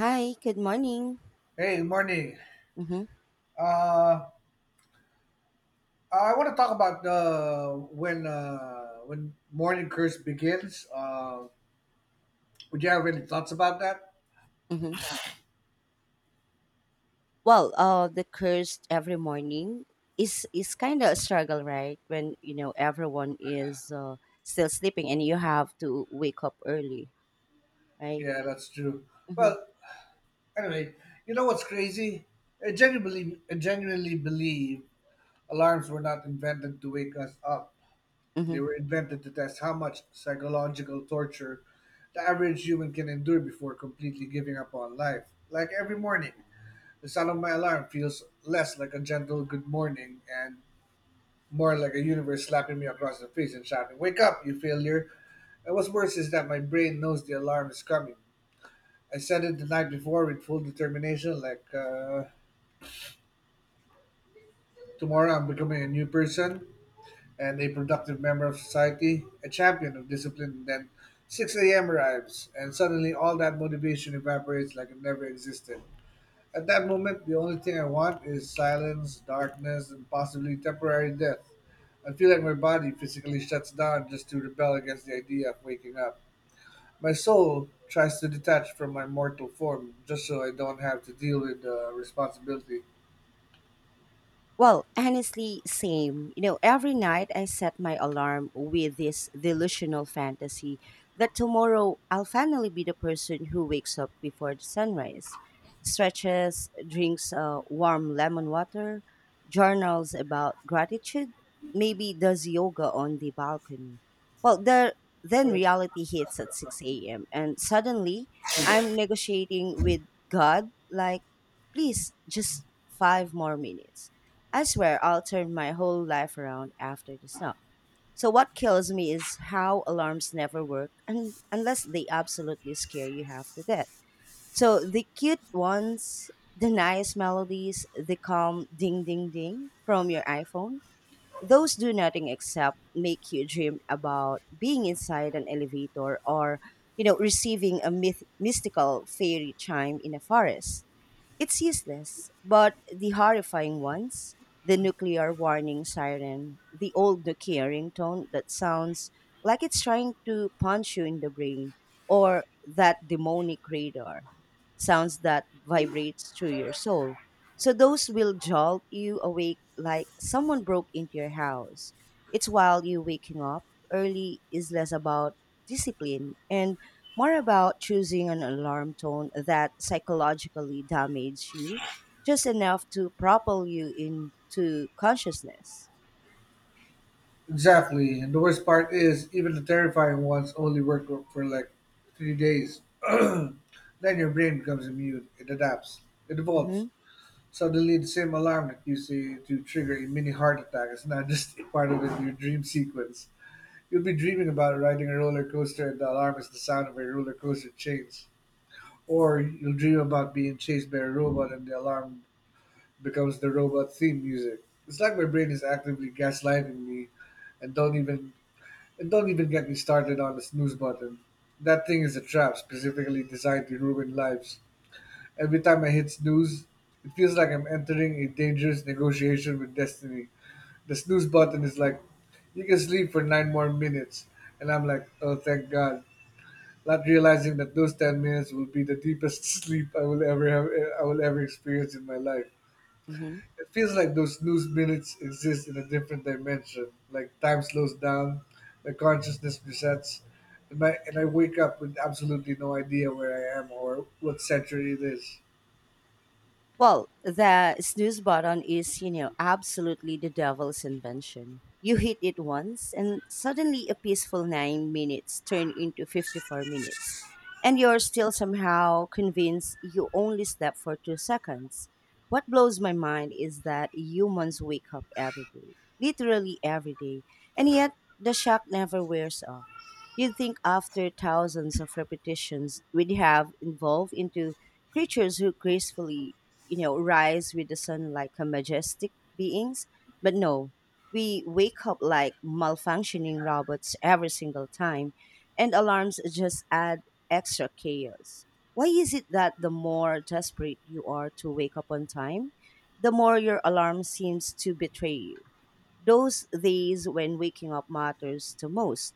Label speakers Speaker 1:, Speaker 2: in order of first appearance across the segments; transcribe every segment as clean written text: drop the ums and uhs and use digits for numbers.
Speaker 1: Hi, good morning.
Speaker 2: Hey, morning.
Speaker 1: Mm-hmm,
Speaker 2: Uh, I want to talk about when morning curse begins. Would you have any thoughts about that?
Speaker 1: mm-hmm. Well, the curse every morning is kind of a struggle, right? When you know everyone is still sleeping and you have to wake up early, right?
Speaker 2: Yeah, that's true.
Speaker 1: Mm-hmm,
Speaker 2: Well, anyway, you know what's crazy? I genuinely believe alarms were not invented to wake us up. They
Speaker 1: mm-hmm.
Speaker 2: were invented to test how much psychological torture the average human can endure before completely giving up on life. Like every morning. The sound of my alarm feels less like a gentle good morning and more like a universe slapping me across the face and shouting, "Wake up, you failure!" And what's worse is that my brain knows the alarm is coming. I set it the night before with full determination, like, tomorrow I'm becoming a new person and a productive member of society, a champion of discipline. And then 6 a.m. arrives, and suddenly all that motivation evaporates like it never existed. At that moment, the only thing I want is silence, darkness, and possibly temporary death. I feel like my body physically shuts down just to rebel against the idea of waking up. My soul tries to detach from my mortal form just so I don't have to deal with the responsibility.
Speaker 1: Well, honestly, same. You know, every night I set my alarm with this delusional fantasy that tomorrow I'll finally be the person who wakes up before the sunrise, stretches, drinks warm lemon water, journals about gratitude, maybe does yoga on the balcony. Well, the, then reality hits at 6 a.m. and suddenly I'm negotiating with God like, please, just five more minutes. I swear I'll turn my whole life around after the snow. So what kills me is how alarms never work unless they absolutely scare you half to death. So the cute ones, the nice melodies, the calm ding ding ding from your iPhone, those do nothing except make you dream about being inside an elevator or receiving a mystical fairy chime in a forest. It's useless, but the horrifying ones, the nuclear warning siren, the old Nokia ringtone that sounds like it's trying to punch you in the brain, or that demonic radar, sounds that vibrates through your soul. So those will jolt you awake like someone broke into your house. It's while you waking up early is less about discipline and more about choosing an alarm tone that psychologically damages you just enough to propel you into consciousness.
Speaker 2: Exactly, and the worst part is, even the terrifying ones only work for like 3 days. Then your brain becomes immune, it adapts, it evolves.
Speaker 1: Mm-hmm.
Speaker 2: Suddenly, the same alarm that used to trigger a mini heart attack is not just a part of your dream sequence. You'll be dreaming about riding a roller coaster, and the alarm is the sound of a roller coaster chains. Or you'll dream about being chased by a robot, and the alarm becomes the robot theme music. It's like my brain is actively gaslighting me, and don't even and don't even get me started on the snooze button. That thing is a trap specifically designed to ruin lives. Every time I hit snooze, it feels like I'm entering a dangerous negotiation with destiny. The snooze button is like, you can sleep for nine more minutes. And I'm like, oh, thank God. Not realizing that those 10 minutes will be the deepest sleep I will ever have, I will ever experience in my life.
Speaker 1: mm-hmm.
Speaker 2: It feels like those snooze minutes exist in a different dimension. Like time slows down, my consciousness resets, and I wake up with absolutely no idea where I am or what century it is.
Speaker 1: Well, the snooze button is, you know, absolutely the devil's invention. You hit it once, and suddenly a peaceful 9 minutes turn into 54 minutes. And you're still somehow convinced you only slept for 2 seconds. What blows my mind is that humans wake up every day, literally every day, and yet the shock never wears off. You'd think after thousands of repetitions, we'd have evolved into creatures who gracefully, you know, rise with the sun like a majestic beings. But no, we wake up like malfunctioning robots every single time, and alarms just add extra chaos. Why is it that the more desperate you are to wake up on time, the more your alarm seems to betray you? Those days when waking up matters the most,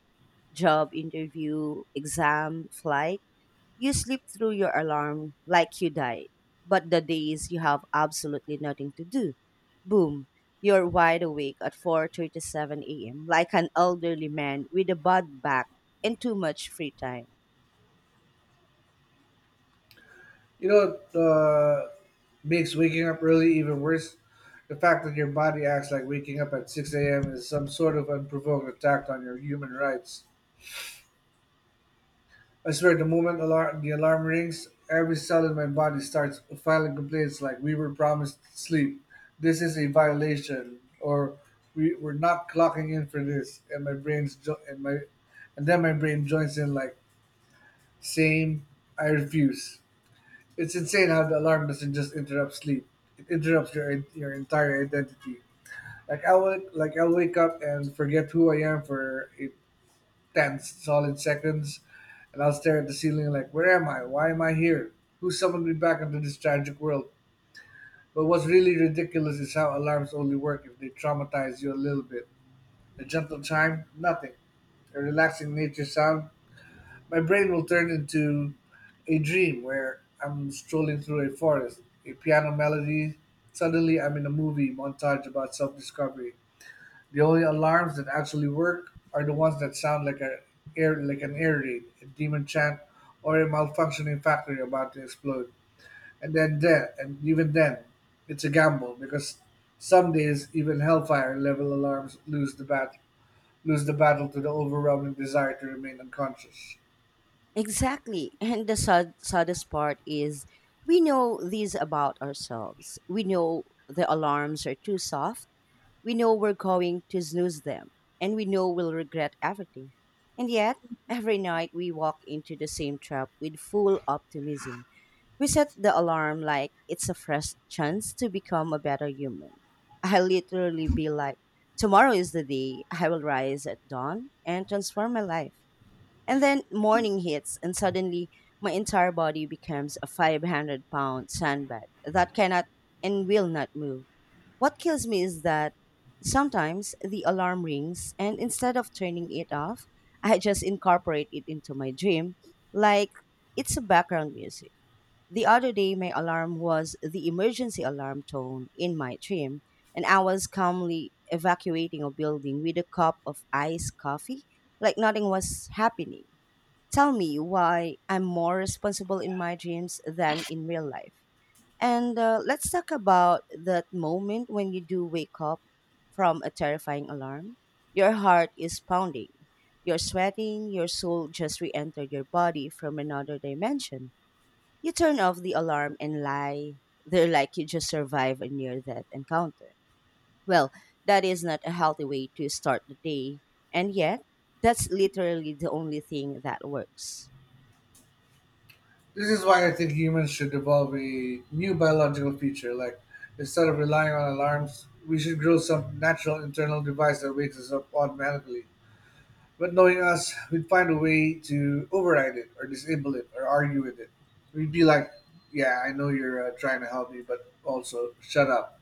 Speaker 1: job interview, exam, flight, you sleep through your alarm like you died. But the days you have absolutely nothing to do, boom, you're wide awake at 4:37 a.m. like an elderly man with a bad back and too much free time.
Speaker 2: You know what makes waking up early even worse? The fact that your body acts like waking up at 6 a.m. is some sort of unprovoked attack on your human rights. I swear, the moment the alarm rings, every cell in my body starts filing complaints like we were promised sleep. This is a violation, or we're not clocking in for this. And then my brain joins in like same. I refuse. It's insane how the alarm doesn't just interrupt sleep; it interrupts your entire identity. Like I'll wake up and forget who I am for a tense, solid seconds, and I'll stare at the ceiling like, "Where am I? Why am I here? Who summoned me back into this tragic world?" But what's really ridiculous is how alarms only work if they traumatize you a little bit. A gentle chime, nothing. A relaxing nature sound, my brain will turn into a dream where I'm strolling through a forest, a piano melody. Suddenly, I'm in a movie montage about self discovery. The only alarms that actually work are the ones that sound like, like an air raid, a demon chant, or a malfunctioning factory about to explode. And even then, it's a gamble because some days even Hellfire level alarms lose the battle to the overwhelming desire to remain unconscious.
Speaker 1: Exactly. And the saddest part is we know these about ourselves. We know the alarms are too soft, we know we're going to snooze them, and we know we'll regret everything. And yet, every night we walk into the same trap with full optimism. We set the alarm like it's a fresh chance to become a better human. I literally be like, tomorrow is the day I will rise at dawn and transform my life. And then morning hits, and suddenly my entire body becomes a 500 pound sandbag that cannot and will not move. What kills me is that sometimes the alarm rings, and instead of turning it off, I just incorporate it into my dream like it's a background music. The other day, my alarm was the emergency alarm tone in my dream, and I was calmly evacuating a building with a cup of iced coffee like nothing was happening. Tell me why I'm more responsible in my dreams than in real life. And Let's talk about that moment when you do wake up from a terrifying alarm. Your heart is pounding, you're sweating, your soul just re entered your body from another dimension. You turn off the alarm and lie there like you just survived a near death encounter. Well, that is not a healthy way to start the day, and yet, that's literally the only thing that works.
Speaker 2: This is why I think humans should develop a new biological feature. Like, instead of relying on alarms, we should grow some natural internal device that wakes us up automatically. But knowing us, we'd find a way to override it, or disable it, or argue with it. We'd be like, yeah, I know you're trying to help me, but also shut up.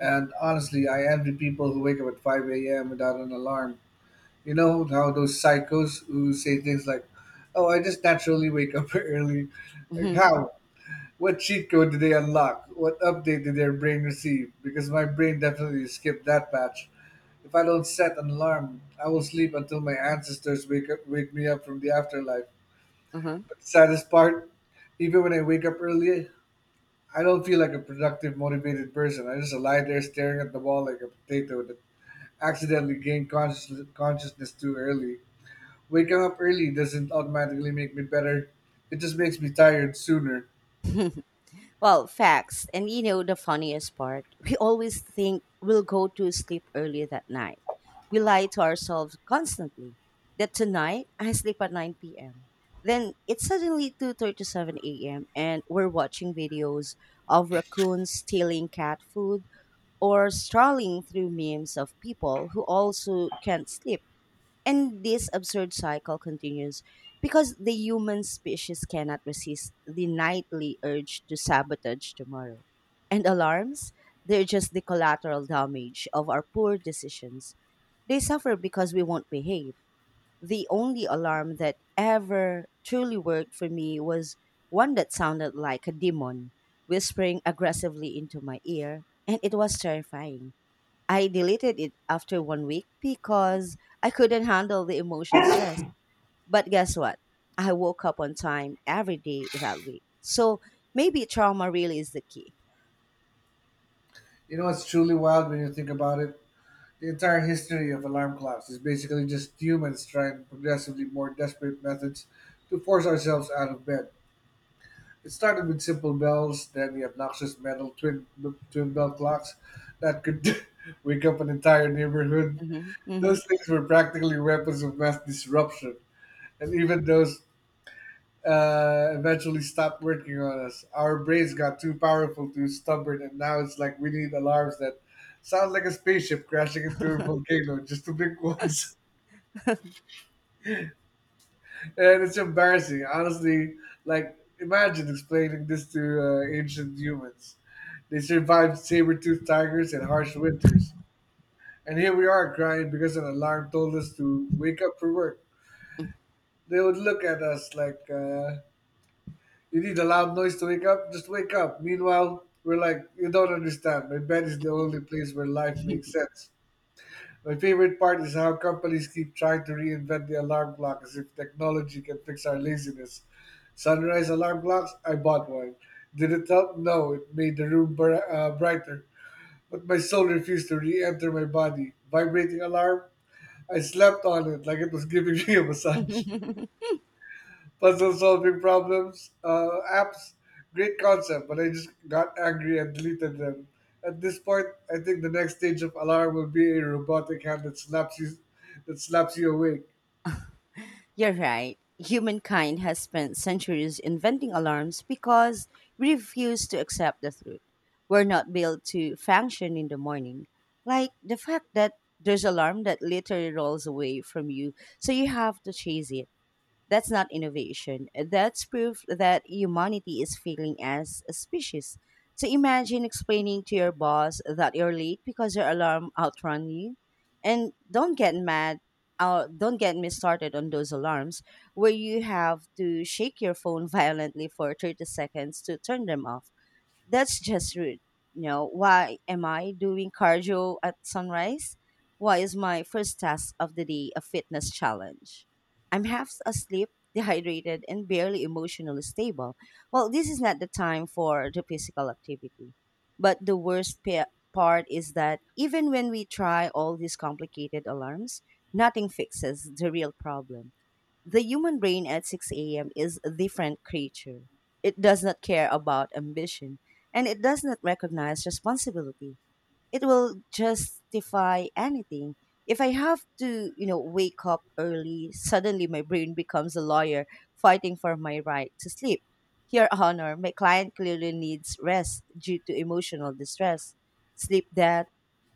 Speaker 2: And honestly, I envy people who wake up at 5 a.m. without an alarm. You know how those psychos who say things like, oh, I just naturally wake up early. Like,
Speaker 1: Mm-hmm.
Speaker 2: how? What cheat code did they unlock? What update did their brain receive? Because my brain definitely skipped that patch. If I don't set an alarm, I will sleep until my ancestors wake me up from the afterlife.
Speaker 1: Mm-hmm.
Speaker 2: But the saddest part, even when I wake up early, I don't feel like a productive, motivated person. I just lie there staring at the wall like a potato that accidentally consciousness too early. Waking up early doesn't automatically make me better. It just makes me tired sooner.
Speaker 1: Well, facts. And you know the funniest part? We always think we'll go to sleep early that night. We lie to ourselves constantly that tonight I sleep at 9 p.m. Then it's suddenly 2:37 a.m. and we're watching videos of raccoons stealing cat food or strolling through memes of people who also can't sleep. And this absurd cycle continues because the human species cannot resist the nightly urge to sabotage tomorrow. And alarms, they're just the collateral damage of our poor decisions. They suffer because we won't behave. The only alarm that ever truly worked for me was one that sounded like a demon whispering aggressively into my ear, and it was terrifying. I deleted it after 1 week because I couldn't handle the emotion stress. But guess what? I woke up on time every day that week. So maybe trauma really is the key.
Speaker 2: You know what's truly wild when you think about it? The entire history of alarm clocks is basically just humans trying progressively more desperate methods to force ourselves out of bed. It started with simple bells, then the obnoxious metal twin bell clocks that could wake up an entire neighborhood.
Speaker 1: hmm hmm
Speaker 2: Those things were practically weapons of mass disruption, and even those eventually stopped working on us. Our brains got too powerful, too stubborn, and now it's like we need alarms that sound like a spaceship crashing into a volcano just to blink once. And it's embarrassing, honestly. Like, imagine explaining this to ancient humans. They survived saber-toothed tigers and harsh winters. And here we are crying because an alarm told us to wake up for work. They would look at us like, you need a loud noise to wake up? Just wake up. Meanwhile, we're like, you don't understand. My bed is the only place where life
Speaker 1: hmm
Speaker 2: makes sense. My favorite part is how companies keep trying to reinvent the alarm clock as if technology can fix our laziness. Sunrise alarm clocks? I bought one. Did it help? No, it made the room brighter. But my soul refused to re enter my body. Vibrating alarm? I slept on it like it was giving me a massage. Puzzle solving problems? Apps? Great concept, but I just got angry and deleted them. At this point, I think the next stage of alarm will be a robotic hand that that slaps you awake.
Speaker 1: You're right. Humankind has spent centuries inventing alarms because we refuse to accept the truth. We're not built to function in the morning. Like the fact that there's alarm that literally rolls away from you, so you have to chase it. That's not innovation. That's proof that humanity is failing as a species. So imagine explaining to your boss that you're late because your alarm outrun you. And don't get mad. Don't get me started on those alarms where you have to shake your phone violently for 30 seconds to turn them off. That's just rude. You know, why am I doing cardio at sunrise? Why is my first task of the day a fitness challenge? I'm half asleep, dehydrated, and barely emotionally stable. Well, this is not the time for the physical activity. But the part is that even when we try all these complicated alarms, nothing fixes the real problem. The human brain at 6 a.m. is a different creature. It does not care about ambition and it does not recognize responsibility. It will justify anything. If I have to, you know, wake up early, suddenly my brain becomes a lawyer fighting for my right to sleep. Your Honor, my client clearly needs rest due to emotional distress, sleep debt,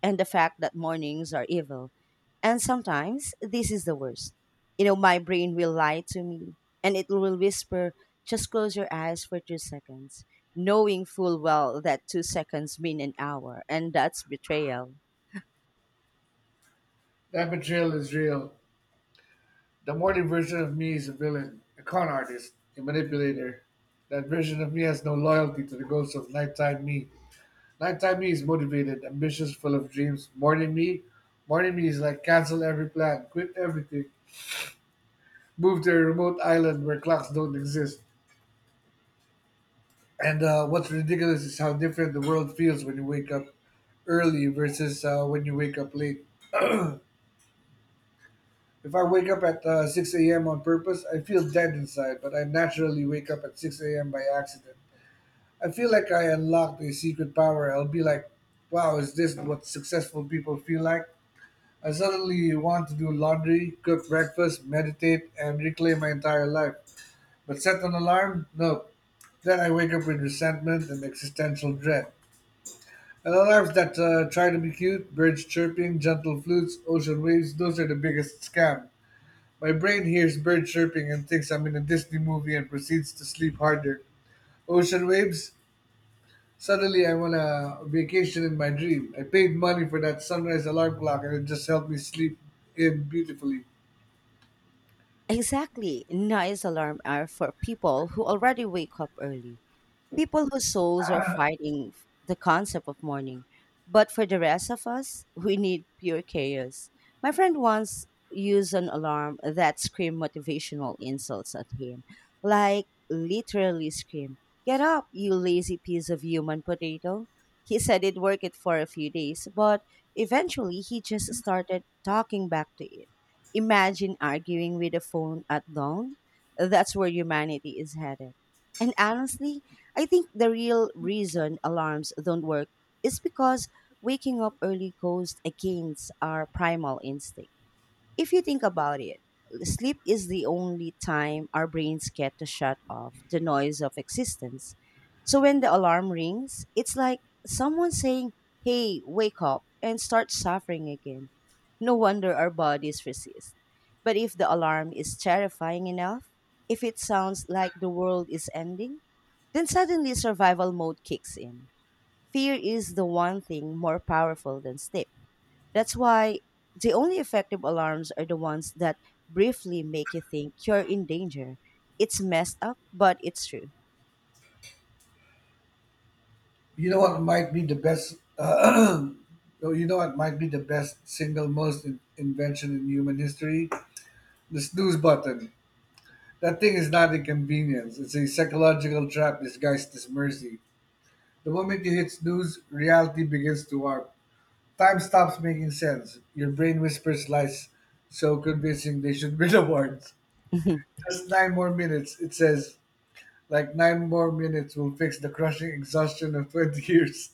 Speaker 1: and the fact that mornings are evil. And sometimes this is the worst. You know, my brain will lie to me and it will whisper, just close your eyes for 2 seconds, knowing full well that 2 seconds mean an hour, and that's betrayal.
Speaker 2: That betrayal is real. The modern version of me is a villain, a con artist, a manipulator. That version of me has no loyalty to the goals of nighttime me. Nighttime me is motivated, ambitious, full of dreams. Morning me is like cancel every plan, quit everything, move to a remote island where clocks don't exist. And what's ridiculous is how different the world feels when you wake up early versus when you wake up late. If I wake up at 6 a.m. on purpose, I feel dead inside, but I naturally wake up at 6 a.m. by accident. I feel like I unlocked a secret power. I'll be like, wow, is this what successful people feel like? I suddenly want to do laundry, cook breakfast, meditate, and reclaim my entire life. But set an alarm? No. Then I wake up with resentment and existential dread. And alarms that try to be cute, birds chirping, gentle flutes, ocean waves, those are the biggest scam. My brain hears bird chirping and thinks I'm in a Disney movie and proceeds to sleep harder. Ocean waves? Suddenly, I want a vacation in my dream. I paid money for that sunrise alarm clock, and it just helped me sleep in beautifully.
Speaker 1: Exactly. Nice alarm hour for people who already wake up early. People whose souls are fighting the concept of mourning. But for the rest of us, we need pure chaos. My friend once used an alarm that screamed motivational insults at him. Like, literally scream, get up, you lazy piece of human potato. He said it worked it for a few days, but eventually he just started talking back to it. Imagine arguing with a phone at dawn. That's where humanity is headed. And honestly, I think the real reason alarms don't work is because waking up early goes against our primal instinct. If you think about it, sleep is the only time our brains get to shut off the noise of existence. So when the alarm rings, it's like someone saying, hey, wake up and start suffering again. No wonder our bodies resist. But if the alarm is terrifying enough, if it sounds like the world is ending, then suddenly survival mode kicks in. Fear is the one thing more powerful than sleep. That's why the only effective alarms are the ones that briefly make you think you're in danger. It's messed up, but it's true.
Speaker 2: You know what might be the best? No, you know what might be the best single most invention in human history? The snooze button. That thing is not inconvenience. It's a psychological trap disguised as mercy. The moment you hit snooze, reality begins to warp. Time stops making sense. Your brain whispers lies so convincing they should win awards. Just nine more minutes. It says, like, nine more minutes will fix the crushing exhaustion of 20 years.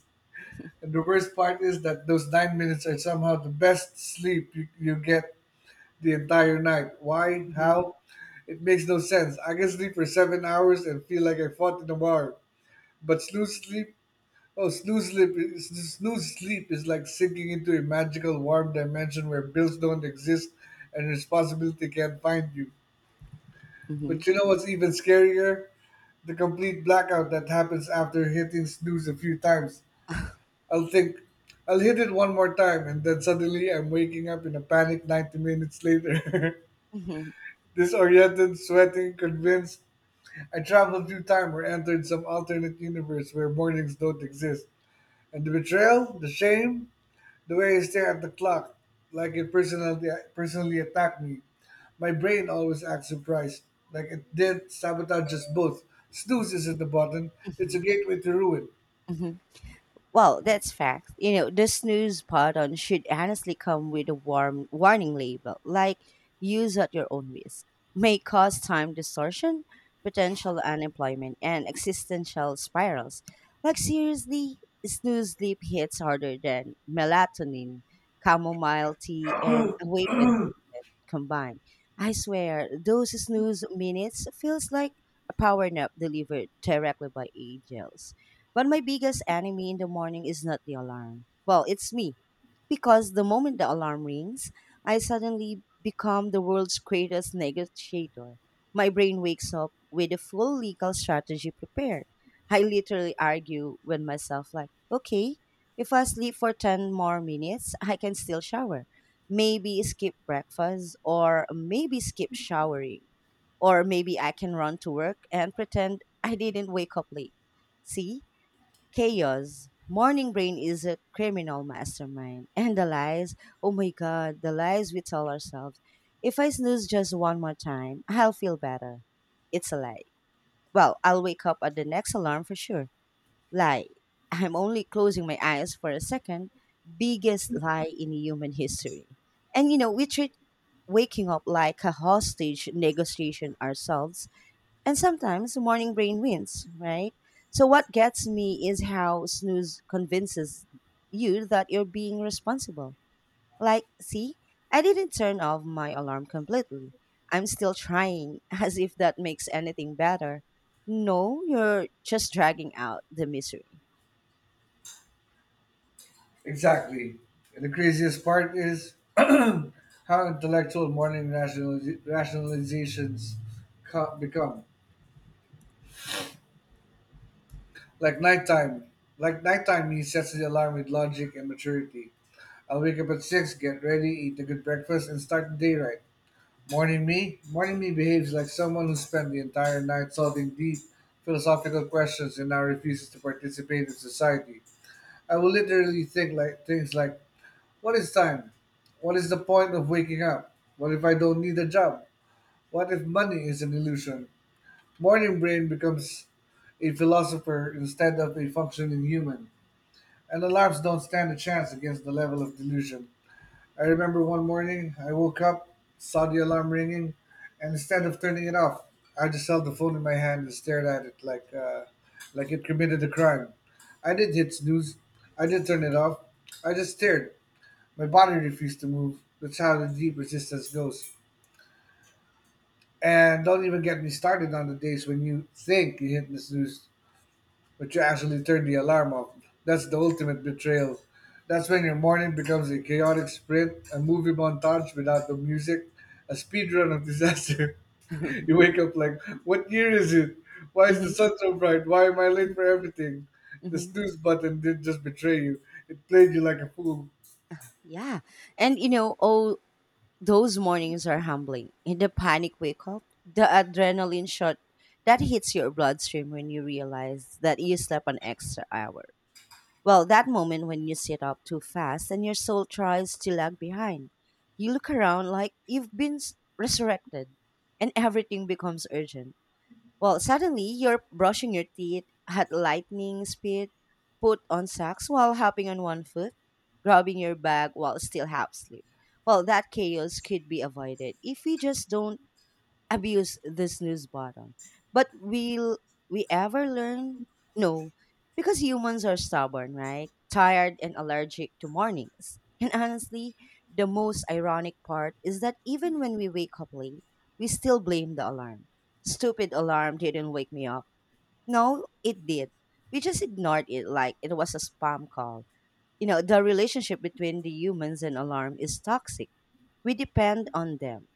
Speaker 2: And the worst part is that those 9 minutes are somehow the best sleep you get the entire night. Why?
Speaker 1: Mhm, mhm,
Speaker 2: How? It makes no sense. I can sleep for 7 hours and feel like I fought in a bar. But snooze sleep, oh, snooze sleep is like sinking into a magical warm dimension where bills don't exist and responsibility can't find you.
Speaker 1: mhm,
Speaker 2: But you know what's even scarier? The complete blackout that happens after hitting snooze a few times. I'll think, I'll hit it one more time, and then suddenly I'm waking up in a panic 90 minutes later.
Speaker 1: mhm,
Speaker 2: Disoriented, sweating, convinced. I traveled through time or entered some alternate universe where mornings don't exist. And the betrayal, the shame, the way I stare at the clock, like it personally, personally attacked me. My brain always acts surprised, like it did sabotage us both. Snooze isn't the button, it's a
Speaker 1: mhm,
Speaker 2: gateway to ruin.
Speaker 1: mhm. Well, that's fact. You know, the snooze button should honestly come with a warm warning label, like use at your own risk. May cause time distortion, potential unemployment, and existential spirals. Like seriously, snooze sleep hits harder than melatonin, chamomile tea, and awaited combined. I swear, those snooze minutes feels like a power nap delivered directly by angels. But my biggest enemy in the morning is not the alarm. Well, it's me because the moment the alarm rings, I suddenly become the world's greatest negotiator. My brain wakes up with a full legal strategy prepared. I literally argue with myself, like, okay, if I sleep for 10 more minutes, I can still shower. Maybe skip breakfast, or maybe skip showering. Or maybe I can run to work and pretend I didn't wake up late. See? Chaos. Morning brain is a criminal mastermind. And the lies, oh my god, the lies we tell ourselves. If I snooze just one more time, I'll feel better. It's a lie. Well, I'll wake up at the next alarm for sure. Lie. I'm only closing my eyes for a second. Biggest lie in human history. And you know, we treat waking up like a hostage negotiation ourselves, and sometimes morning brain wins, right? So what gets me is how snooze convinces you that you're being responsible. Like, see, I didn't turn off my alarm completely. I'm still trying, as if that makes anything better. No, you're just dragging out the misery.
Speaker 2: Exactly. And the craziest part is how intellectual morning rationalizations become. Like nighttime. Like nighttime, he sets the alarm with logic and maturity. I'll wake up at 6, get ready, eat a good breakfast, and start the day right. Morning me? Morning me behaves like someone who spent the entire night solving deep philosophical questions and now refuses to participate in society. I will literally think like things like, what is time? What is the point of waking up? What if I don't need a job? What if money is an illusion? Morning brain becomes a philosopher instead of a functioning human, and alarms don't stand a chance against the level of delusion. I remember one morning I woke up, saw the alarm ringing, and instead of turning it off, I just held the phone in my hand and stared at it like it committed a crime. I did hit snooze. I did turn it off. I just stared. My body refused to move. That's how the deep resistance goes. And don't even get me started on the days when you think you hit the snooze, but you actually turn the alarm off. That's the ultimate betrayal. That's when your morning becomes a chaotic sprint, a movie montage without the music, a speed run of disaster.
Speaker 1: hmm
Speaker 2: You wake up like, what year is it? Why is the sun so bright? Why am I late for everything? The
Speaker 1: hmm
Speaker 2: snooze button did just betray you. It played you like a fool.
Speaker 1: Yeah. And you know, all those mornings are humbling. In the panic wake up, the adrenaline shot that hits your bloodstream when you realize that you slept an extra hour. Well, that moment when you sit up too fast and your soul tries to lag behind. You look around like you've been resurrected and everything becomes urgent. Well, suddenly you're brushing your teeth at lightning speed, put on socks while hopping on one foot, grabbing your bag while still half asleep. Well, that chaos could be avoided if we just don't abuse this snooze button. But will we ever learn? No, because humans are stubborn, right? Tired and allergic to mornings. And honestly, the most ironic part is that even when we wake up late, we still blame the alarm. Stupid alarm didn't wake me up. No, it did. We just ignored it like it was a spam call. You know, the relationship between the humans and alarm is toxic. We depend on them.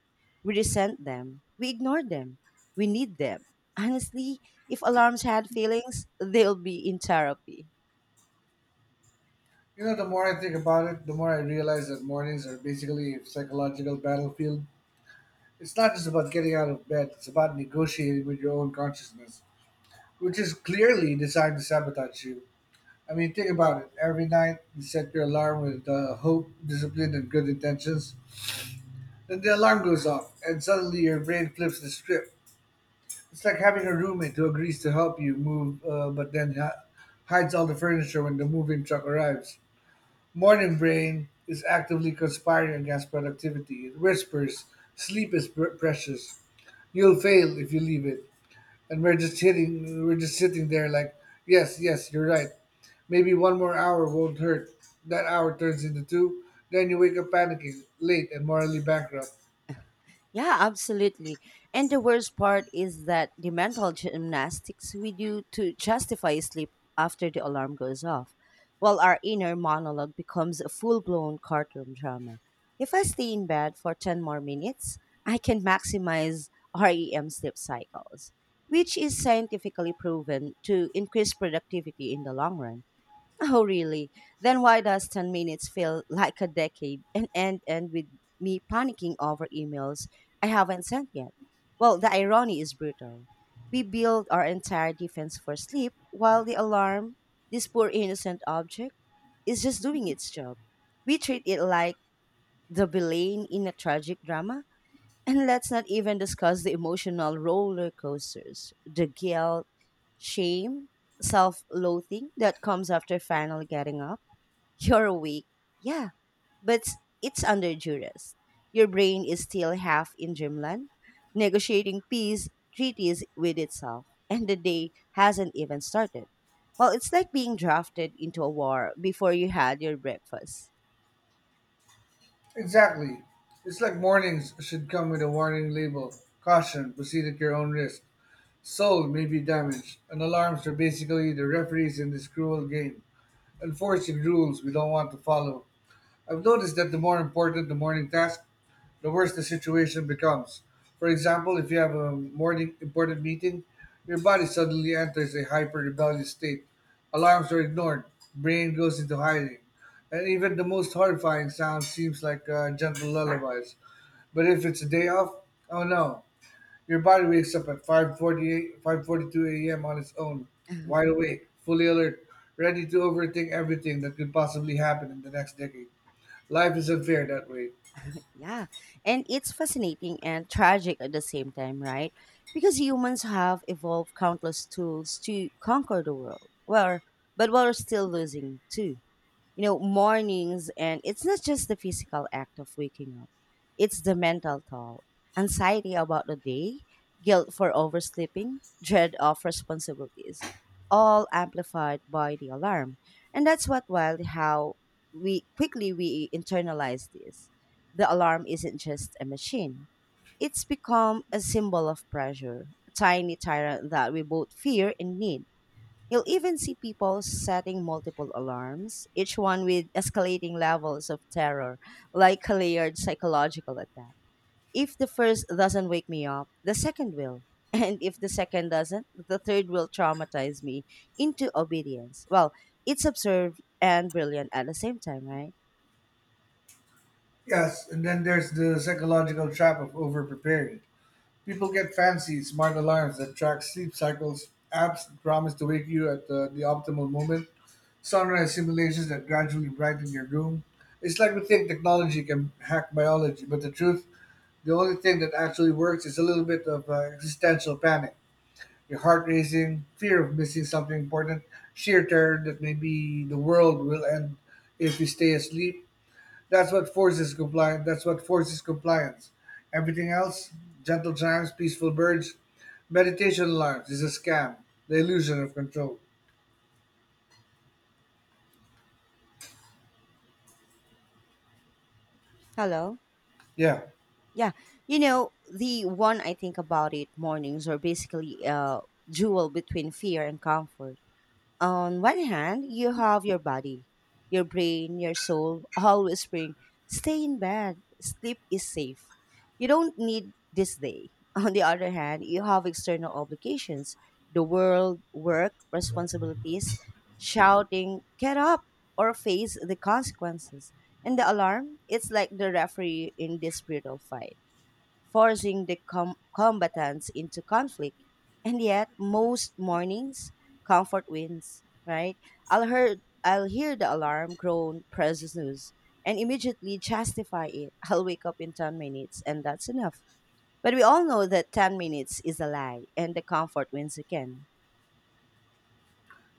Speaker 1: We resent them. We ignore them. We need them. Honestly, if alarms had feelings, they'll be in therapy.
Speaker 2: You know, the more I think about it, the more I realize that mornings are basically a psychological battlefield. It's not just about getting out of bed, it's about negotiating with your own consciousness, which is clearly designed to sabotage you. I mean, think about it. Every night you set your alarm with hope, discipline, and good intentions. Then the alarm goes off, and suddenly your brain flips the script. It's like having a roommate who agrees to help you move, but then hides all the furniture when the moving truck arrives. Morning brain is actively conspiring against productivity. It whispers, "Sleep is precious. You'll fail if you leave it." And we're just sitting there like, "Yes, yes, you're right. Maybe one more hour won't hurt." That hour turns into two. Then you wake up panicking, late and morally bankrupt.
Speaker 1: Yeah, absolutely. And the worst part is that the mental gymnastics we do to justify sleep after the alarm goes off, while our inner monologue becomes a full blown courtroom drama. If I stay in bed for 10 more minutes, I can maximize REM sleep cycles, which is scientifically proven to increase productivity in the long run. Oh, really? Then why does 10 minutes feel like a decade and end with me panicking over emails I haven't sent yet? Well, the irony is brutal. We build our entire defense for sleep while the alarm, this poor innocent object, is just doing its job. We treat it like the villain in a tragic drama, and let's not even discuss the emotional roller coasters, the guilt, shame, self loathing that comes after finally getting up. You're awake, yeah, but it's under duress. Your brain is still half in dreamland, negotiating peace treaties with itself, and the day hasn't even started. Well, it's like being drafted into a war before you had your breakfast.
Speaker 2: Exactly. It's like mornings should come with a warning label: "Caution. Proceed at your own risk. Soul may be damaged." And alarms are basically the referees in this cruel game, enforcing rules we don't want to follow. I've noticed that the more important the morning task, the worse the situation becomes. For example, if you have a morning important meeting, your body suddenly enters a hyper rebellious state. Alarms are ignored, brain goes into hiding, and even the most horrifying sound seems like gentle lullabies. But if it's a day off, oh no, your body wakes up at 5:48, 5:42 a.m. on its own, wide awake, fully alert, ready to overthink everything that could possibly happen in the next decade. Life is unfair that way.
Speaker 1: Yeah. And it's fascinating and tragic at the same time, right? Because humans have evolved countless tools to conquer the world. Well, but we're still losing too. You know, mornings. And it's not just the physical act of waking up, it's the mental toll, anxiety about the day, guilt for oversleeping, dread of responsibilities, all amplified by the alarm. And that's what wild how we quickly we internalize this. The alarm isn't just a machine. It's become a symbol of pressure, a tiny tyrant that we both fear and need. You'll even see people setting multiple alarms, each one with escalating levels of terror, like a layered psychological attack. If the first doesn't wake me up, the second will. And if the second doesn't, the third will traumatize me into obedience. Well, it's absurd and brilliant at the same time, right?
Speaker 2: Yes, and then there's the psychological trap of over-preparing. People get fancy, smart alarms that track sleep cycles, apps that promise to wake you at the optimal moment, sunrise simulations that gradually brighten your room. It's like we think technology can hack biology, but the truth: the only thing that actually works is a little bit of existential panic. Your heart racing, fear of missing something important, sheer terror that maybe the world will end if we stay asleep. That's what forces compliance. Everything else, gentle chimes, peaceful birds, meditation alarms, is a scam. The illusion of control.
Speaker 1: Hello?
Speaker 2: Yeah,
Speaker 1: Yeah. You know, the one I think about it mornings are basically a duel between fear and comfort. On one hand, you have your body, your brain, your soul, all whispering, stay in bed, sleep is safe. You don't need this day. On the other hand, you have external obligations, the world, work, responsibilities, shouting, get up, or face the consequences. And the alarm, it's like the referee in this brutal fight forcing the combatants into conflict. And yet, most mornings, comfort wins, right? I'll hear, I'll hear the alarm groan, press snooze, and immediately justify it. I'll wake up in 10 minutes, and that's enough. But we all know that 10 minutes is a lie, and the comfort wins again.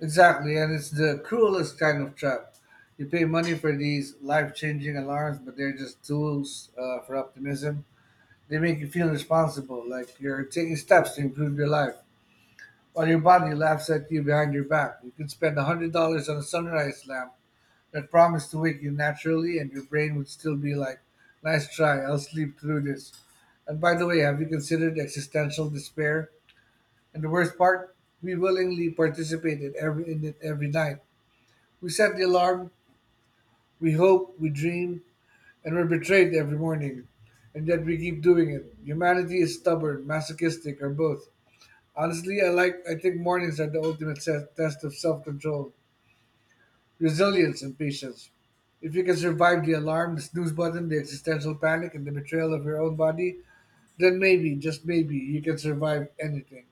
Speaker 2: exactly, and it's the cruelest kind of trap. You pay money for these life-changing alarms, but they're just tools for optimism. They make you feel responsible, like you're taking steps to improve your life, while your body laughs at you behind your back. You could spend $100 on a sunrise lamp that promised to wake you naturally, and your brain would still be like, nice try, I'll sleep through this. And by the way, have you considered existential despair? And the worst part, we willingly participate in every in it every night. We set the alarm, we hope, we dream, and we're betrayed every morning. And yet we keep doing it. Humanity is stubborn, masochistic, or both. Honestly, I think mornings are the ultimate test of self-control, resilience, and patience. If you can survive the alarm, the snooze button, the existential panic, and the betrayal of your own body, then maybe, just maybe, you can survive anything.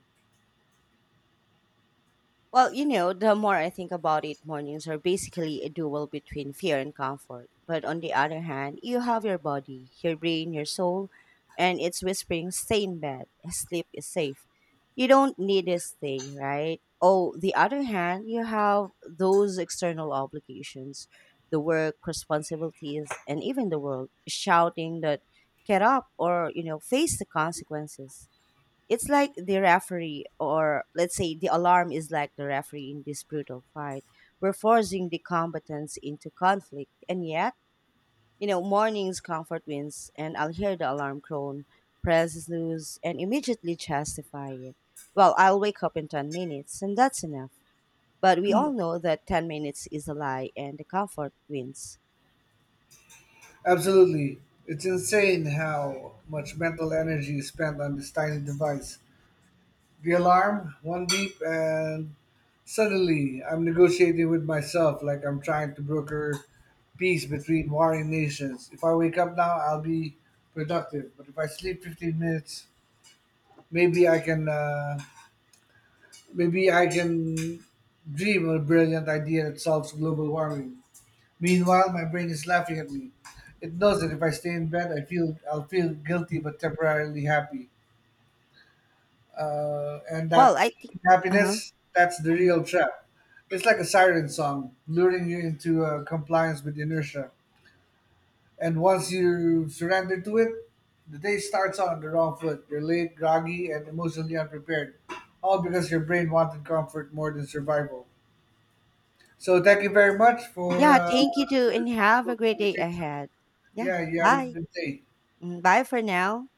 Speaker 1: Well, you know, the more I think about it, mornings are basically a duel between fear and comfort. But on the other hand, you have your body, your brain, your soul, and it's whispering, stay in bed, sleep is safe. You don't need this thing, right? Oh, the other hand, you have those external obligations, the work, responsibilities, and even the world shouting that get up or, you know, face the consequences. It's like the referee, or let's say the alarm is like the referee in this brutal fight. We're forcing the combatants into conflict, and yet, you know, morning's comfort wins, and I'll hear the alarm crone, press snooze, and immediately justify it. Well, I'll wake up in 10 minutes, and that's enough. But we all know that 10 minutes is a lie, and the comfort wins.
Speaker 2: Absolutely. It's insane how much mental energy is spent on this tiny device. The alarm, one beep, and suddenly I'm negotiating with myself like I'm trying to broker peace between warring nations. If I wake up now, I'll be productive. But if I sleep 15 minutes, maybe I can uh, maybe I can dream of a brilliant idea that solves global warming. Meanwhile, my brain is laughing at me. It knows that if I stay in bed, I'll feel guilty but temporarily happy. And
Speaker 1: Well,
Speaker 2: that
Speaker 1: I think. Uh huh.
Speaker 2: happiness, that's the
Speaker 1: Hmm.
Speaker 2: real trap. It's like a siren song luring you into compliance with inertia, and once you surrender to it, the day starts on the wrong foot. You're late, groggy, and emotionally unprepared, all because your brain wanted comfort more than survival. So thank you very much for
Speaker 1: Yeah, thank you too,
Speaker 2: this
Speaker 1: and have
Speaker 2: wonderful
Speaker 1: a great day
Speaker 2: conversation.
Speaker 1: ahead. Yeah,
Speaker 2: Yeah, you have a
Speaker 1: bye.
Speaker 2: good day.
Speaker 1: Mm, bye for now.